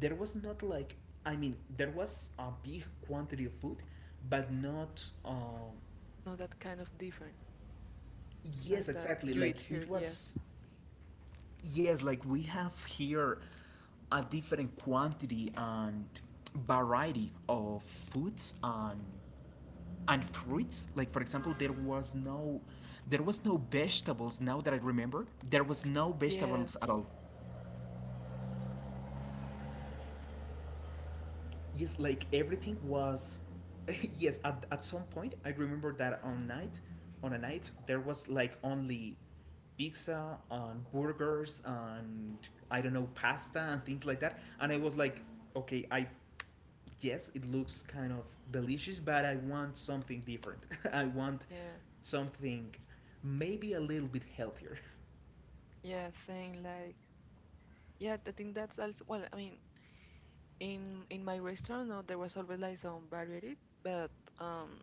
A: there was not like I mean there was a big quantity of food, but not.
B: No, that kind of different.
A: Yes,
B: Like that
A: exactly.
B: you
A: Like
B: eat here,
A: it
B: yes.
A: was. Yes, like we have here a different quantity and variety of foods and fruits. Like for example, there was no vegetables. Now that I remember, there was no
B: Yes,
A: vegetables at all. Yes, like everything was. [LAUGHS] Yes, at some point I remember that on night, on a night there was like only pizza and burgers and I don't know pasta and things like that, and I was like, okay, I yes it looks kind of delicious, but I want something different. [LAUGHS] I want
B: yes,
A: something maybe a little bit healthier.
B: yes. Saying like, yeah, I think that's also well. I mean, in my restaurant, no, there was always like some variety, but um,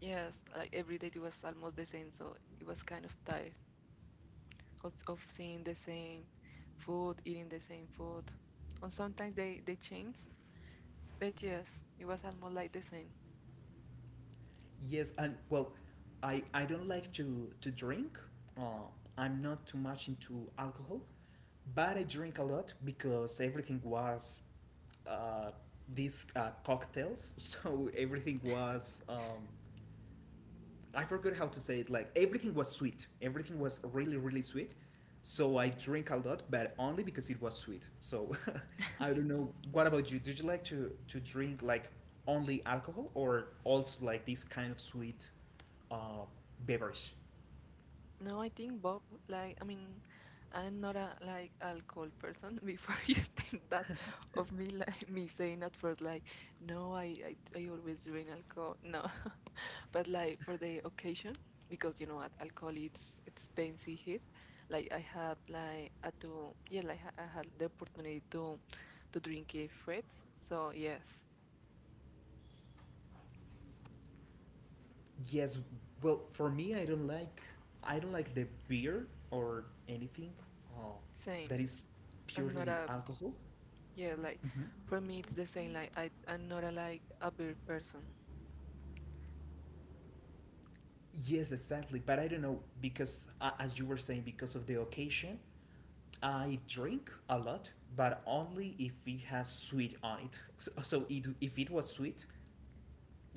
B: yes, like every day it was almost the same, so it was kind of tired of seeing the same food, eating the same food. And sometimes they change, but yes, it was almost like the same.
A: Yes, and well, I don't like to drink. Uh, I'm not too much into alcohol, but I drink a lot because everything was uh, these cocktails. [LAUGHS] So everything was, I forgot how to say it, like everything was sweet. Everything was really, really sweet. So I drink a lot, but only because it was sweet. So [LAUGHS] I don't know. What about you? Did you like to drink like only alcohol or also like this kind of sweet uh, beverage?
B: No, I think Bob, like, I mean, I'm not a like alcohol person. [LAUGHS] Before you think that of me, like me saying at first, like, no, I always drink alcohol. No, [LAUGHS] but like for the occasion, because you know what, alcohol it's expensive here. Like I had like I do, yeah, like I had the opportunity to drink it first. So yes,
A: Yes, well, for me, I don't like the beer or anything uh, that
B: same.
A: is
B: I'm not
A: purely
B: a,
A: alcohol.
B: yeah, like for me it's the same. Like I'm not a like a beer person.
A: Yes, exactly. But I don't know because, as you were saying, because of the occasion, I drink a lot, but only if it has sweet on it. So, if it was sweet,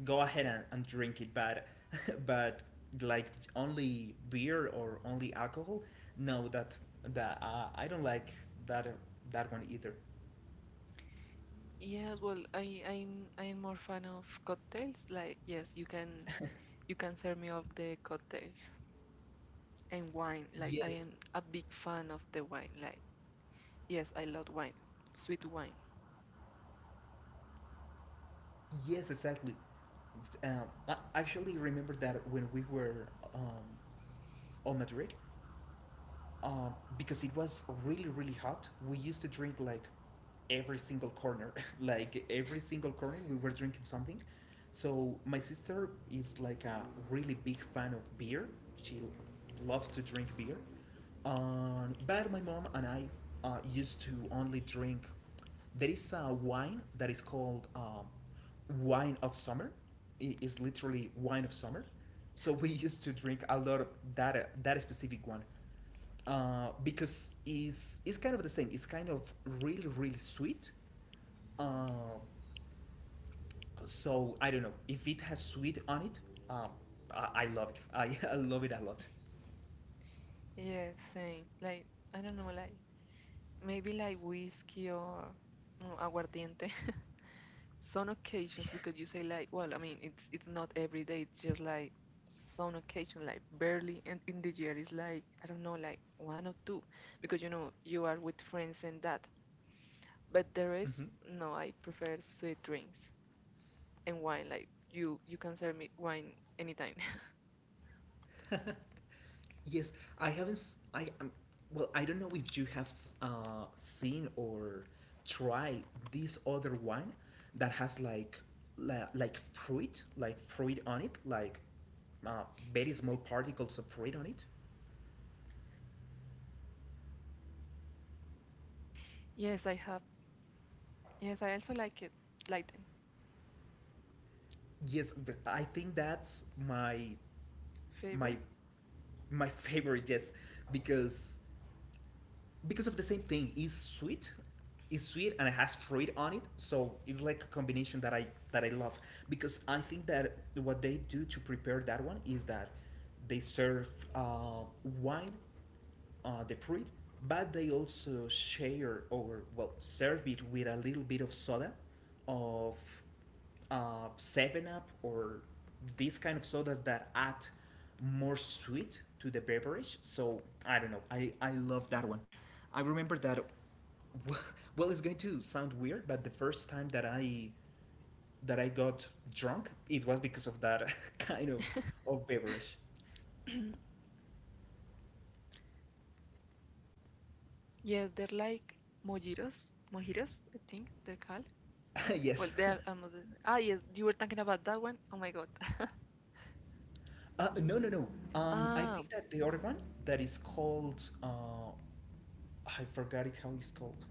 A: go ahead and drink it. But [LAUGHS] but like only beer or only alcohol, no, that I don't like that that one either.
B: Yes, well, I'm more fan of cocktails. Like, yes, you can serve me of the cocktails and wine. Like, I
A: Yes,
B: am a big fan of the wine. Like, yes, I love wine, sweet wine.
A: yes, exactly. I actually remember that when we were um, on Madrid, uh, because it was really, really hot, we used to drink like every single corner, [LAUGHS] like every single corner we were drinking something. So my sister is like a really big fan of beer. She loves to drink beer. But my mom and I used to only drink, there is a wine that is called, wine of summer. It is literally wine of summer. So we [LAUGHS] used to drink a lot of that specific one, because it's kind of the same. It's kind of really, really sweet. Uh, so I don't know if it has sweet on it. Um, I love it. I, [LAUGHS] I love it a lot.
B: Yes, same. Like, I don't know, like maybe like whiskey or no, aguardiente. Some occasions, because you say like, well, I mean, it's not every day, it's just like some occasion, like barely. And in the year is like, I don't know, like one or two, because you know you are with friends and that. But the rest,
A: Mm-hmm.
B: no, I prefer sweet drinks. And wine, like, you can serve me wine anytime.
A: Yes, I haven't. S- I well, I don't know if you have seen or tried this other wine that has like like fruit on it, like uh, very small
B: [LAUGHS]
A: particles of fruit on it.
B: Yes, I have. Yes, I also like it, like them
A: Yes, I think that's my
B: favor.
A: my favorite. Yes, because because of the same thing, it's sweet, it's sweet and it has fruit on it, so it's like a combination that I that I love, because I think that what they do to prepare that one is that they serve uh, wine, the fruit, but they also share or well serve it with a little bit of soda, of Seven Up or these kind of sodas that add more sweet to the beverage. So I don't know. I love that one. I remember that. [LAUGHS] Well, it's going to sound weird, but the first time that I got drunk, it was because of that [LAUGHS] kind of beverage.
B: [CLEARS THROAT] Yes, they're like mojitos mojitos I think they're called.
A: [LAUGHS]
B: Well,
A: Yes.
B: they're
A: [LAUGHS]
B: ah yes, you were talking about that one. Oh my god.
A: No, no, no. I
B: Ah,
A: think that the other one that is called I forgot it how it's called.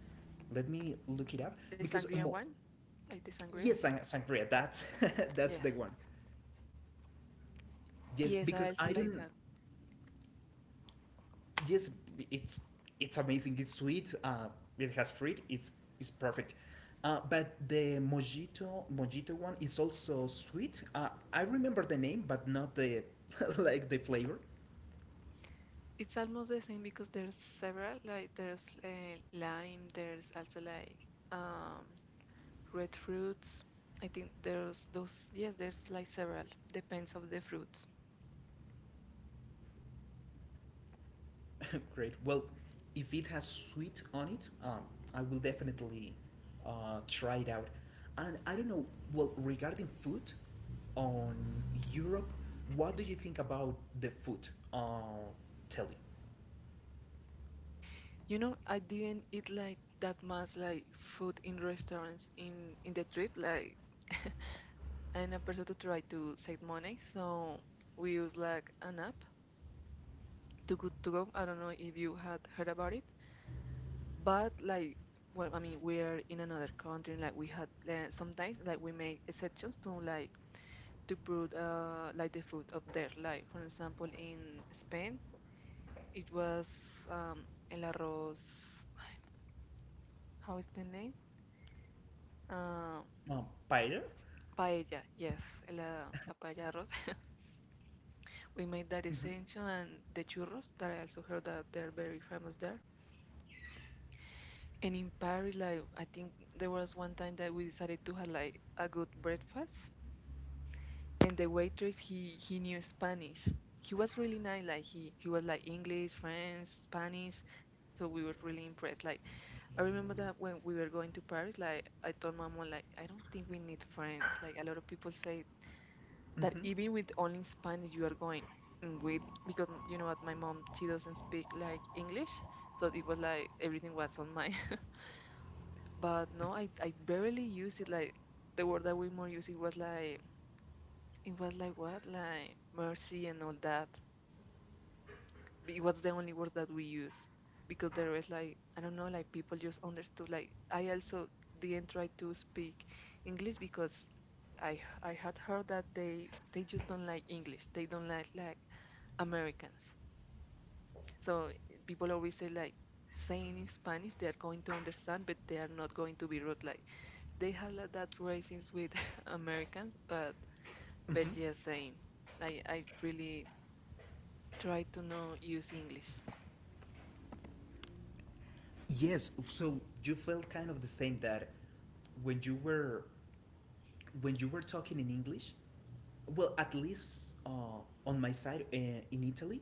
A: Let me look it up,
B: the
A: because
B: sangria one, like the
A: yes,
B: sangrias.
A: sangria. That's [LAUGHS]
B: Yeah.
A: that's the one. Yes,
B: Yes, I
A: because
B: also
A: I
B: like that.
A: don't. Yes, it's it's amazing. It's sweet. It has fruit. It's perfect. But the mojito one is also sweet. I remember the name, but not the [LAUGHS] like the flavor.
B: It's almost the same because there's several, like there's lime, there's also like um, red fruits. I think there's those, yes, there's like several, depends of the fruits.
A: [LAUGHS] Great. Well, if it has sweet on it, I will definitely try it out. And I don't know. Well, regarding food on Europe, what do you think about the food? Tell me.
B: You know, I didn't eat like that much like food in restaurants in the trip, like, and a person to try to save money, so we use like an app, to go to go. I don't know if you had heard about it. But like, well, I mean, we're in another country, like we had sometimes like we make exceptions to like to put like the food up there, like for example in Spain. It was um el arroz, how is the name, um
A: Paella.
B: paella, yes, la paella arroz. [LAUGHS] We made that essential, and the churros that I also heard that they're very famous there. And in Paris, like I think there was one time that we decided to have like a good breakfast, and the waitress, he knew Spanish. He was really nice. Like he was like English, French, Spanish. So we were really impressed. Like I remember that when we were going to Paris, like I told my mom, like I don't think we need friends. Like a lot of people say that even with only Spanish you are going. And with, because you know what, my mom, she doesn't speak like English, so it was like everything was on my. [LAUGHS] But no, I barely used it. Like the word that we more used it was like what? Like mercy and all that. But it was the only words that we use, because there was like, I don't know, like people just understood. Like I also didn't try to speak English, because I had heard that they just don't like English. They don't like Americans. So people always say, like saying in Spanish they are going to understand, but they are not going to be rude. Like they have like, that racism with [LAUGHS] Americans, but yes, same. I really try to not use English.
A: Yes. So you felt kind of the same that when you were when you were talking in English, well, at least on my side in Italy,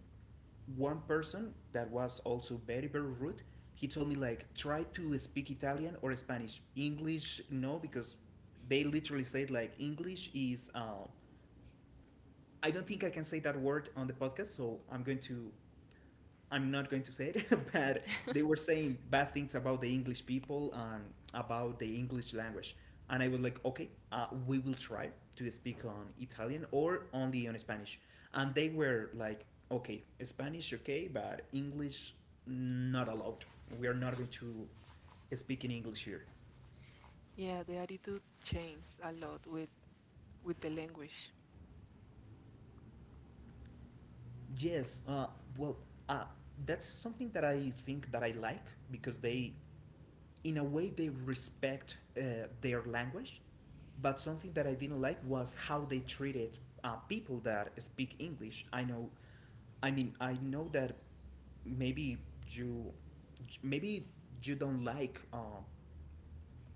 A: one person that was also very, very rude. He told me like try to speak Italian or Spanish. English no because they literally said like English is. I don't think I can say that word on the podcast, so I'm not going to say it, [LAUGHS] but
B: [LAUGHS]
A: they were saying bad things about the English people and about the English language. And I was like, okay, we will try to speak on Italian or only on Spanish. And they were like, okay, Spanish, okay, but English, not allowed. We are not going to speak in English here.
B: Yeah, the attitude changes a lot with the language.
A: Yes, well, uh, that's something that I think that I like, because they, in a way, they respect their language, but something that I didn't like was how they treated people that speak English. I know I mean, I know that maybe you maybe you don't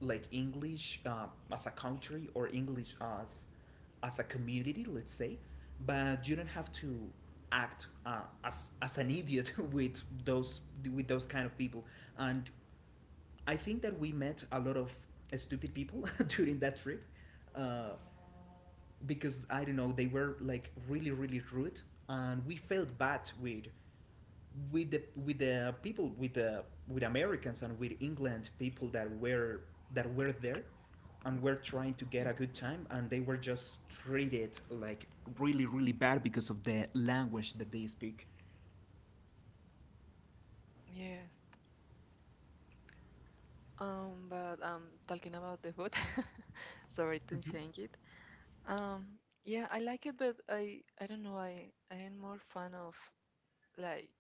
A: like English as a country, or English as as a community, let's say, but you don't have to act as an idiot [LAUGHS] with those kind of people. And I think that we met a lot of stupid people [LAUGHS] during that trip, uh, because I don't know, they were like really, really rude, and we felt bad with with the people, with Americans and with England people that were there and were trying to get a good time, and they were just treated like really, really bad because of the language that they speak.
B: Yes. But talking about the food, [LAUGHS] sorry to change it. Um, yeah, I like it, but I don't know. I am more fan of like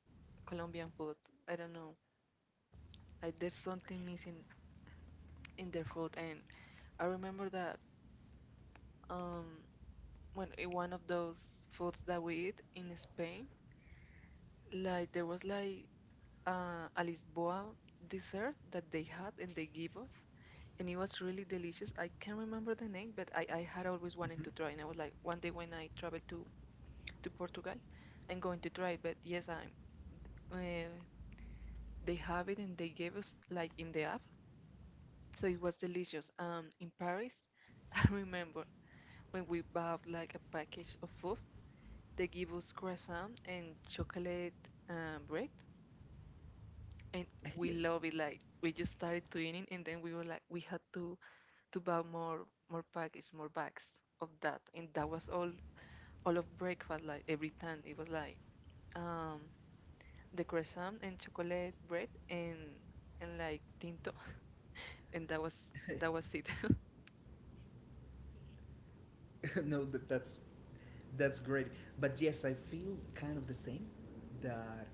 B: Colombian food. I don't know. Like there's something missing in their food, and I remember that um when in one of those foods that we eat in Spain, like there was like a Lisboa dessert that they had and they give us, and it was really delicious. I can't remember the name, but I had always wanted to try, and I was like, one day when I travel to Portugal, I'm going to try it. But yes, I'm. Uh, they have it, and they gave us like in the app, so it was delicious. In Paris, [LAUGHS] I remember when we bought like a package of food, they give us croissant and chocolate bread, and
A: [LAUGHS]
B: we
A: Yes.
B: love it. Like we just started to eating, and then we were like, we had to buy more packets, more bags of that, and that was all of breakfast. Like every time it was like um the croissant and chocolate bread, and like tinto, [LAUGHS] and that was it. [LAUGHS]
A: [LAUGHS] No, that's great. But yes, I feel kind of the same. That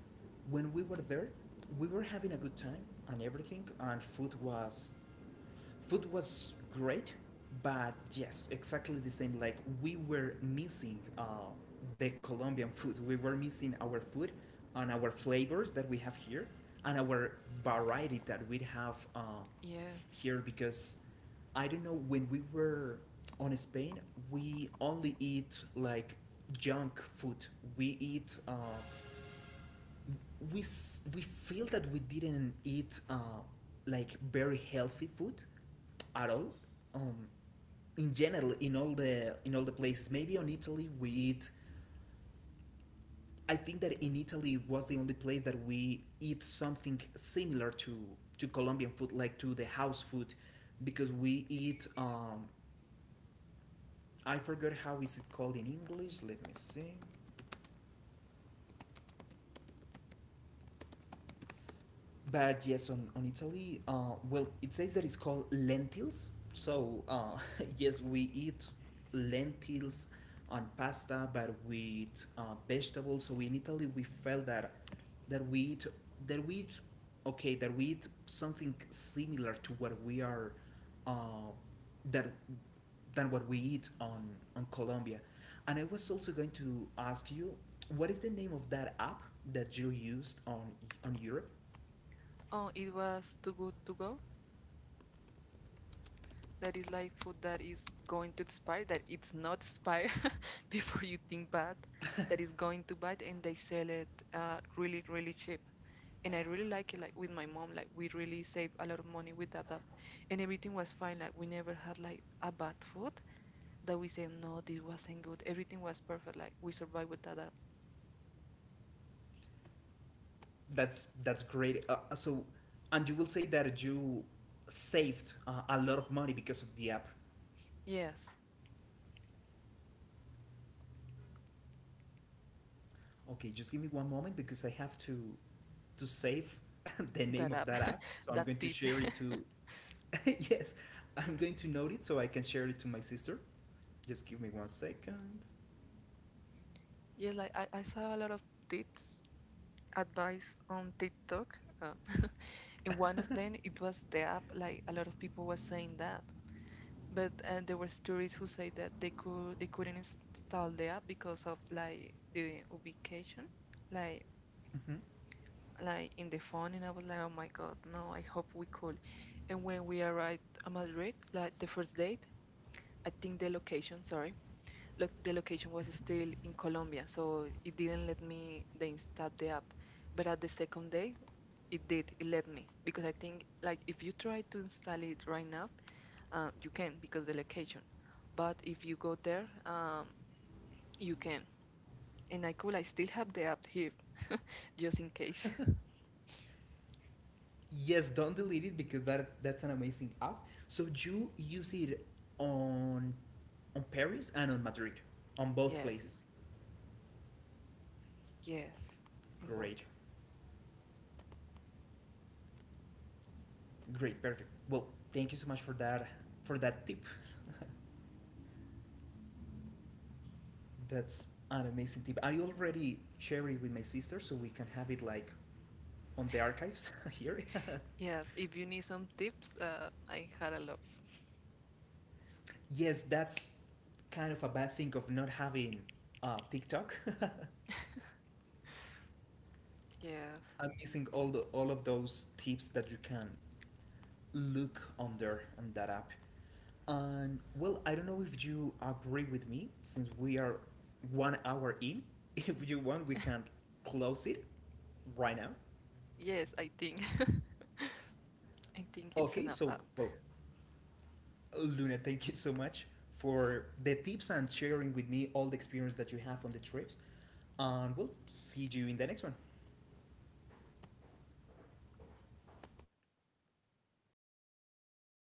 A: when we were there, we were having a good time and everything, and food was great, but yes, exactly the same. Like we were missing the Colombian food. We were missing our food and our flavors that we have here, and our variety that we have
B: Yes.
A: here, because I don't know, when we were on Spain, we only eat like junk food. We eat. We we feel that we didn't eat like very healthy food at all. Um, in general, in all the places, maybe on Italy we eat. I think that in Italy was the only place that we eat something similar to Colombian food, like to the house food, because we eat. I forgot how is it called in English. Let me see. But yes, on Italy, well, it says that it's called lentils. So, [LAUGHS] yes, we eat lentils on pasta, but with vegetables. So in Italy, we felt that that we eat that we eat okay, that we eat something similar to what we are uh, that than what we eat on Colombia. And I was also going to ask you, what is the name of that app that you used on Europe?
B: Oh, it was Too Good To Go. That is like food that is going to expire, that it's not expire, [LAUGHS] before you think bad, that is going to bad, and they sell it really, really cheap. And I really like it. Like with my mom, like we really saved a lot of money with that, and everything was fine. Like we never had like a bad food that we said no, this wasn't good. Everything was perfect. Like we survived with that app.
A: That's great. So, and you will say that you saved a lot of money because of the app.
B: Yes,
A: Okay, just give me one moment because I have to save [LAUGHS] the name
B: that
A: of
B: app,
A: that app.
B: [LAUGHS]
A: So I'm
B: that
A: going to
B: tip.
A: share
B: [LAUGHS]
A: it to [LAUGHS] yes, I'm going to note it so I can share it to my sister. Just give me one second.
B: Yes, like I saw a lot of tips, advice on TikTok, uh, [LAUGHS] and one of them it was the app. Like a lot of people were saying that, but there were stories who say that they couldn't install the app because of like the ubication, like
A: Mhm.
B: like in the phone, and I was like, oh my god, no, I hope we could. And when we arrived at Madrid, like the first date, I think the location, sorry, look, the location was still in Colombia, so it didn't let me they install the app. But at the second day, it did. It let me, because I think like if you try to install it right now, you can, because the location. But if you go there, you can. And I could, I still have the app here just in case. [LAUGHS]
A: Yes, don't delete it because that that's an amazing app. So you use it on on Paris and on Madrid, on both places.
B: Yes, yes, in both.
A: Great. Great, perfect. Well, thank you so much for that tip. That's an amazing tip. I already share it with my sister so we can have it like on the archives [LAUGHS] here. [LAUGHS]
B: Yes, if you need some tips, I had a lot.
A: Yes, that's kind of a bad thing of not having TikTok. [LAUGHS]
B: Yes,
A: I'm missing all the all of those tips that you can look under on that app. And well, I don't know if you agree with me, since we are 1 hour in. [LAUGHS] If you want, we can close it right now.
B: yes, I think [LAUGHS] I think it's
A: Okay,
B: enough.
A: so well, Luna, thank you so much for the tips and sharing with me all the experience that you have on the trips. And we'll see you in the next one.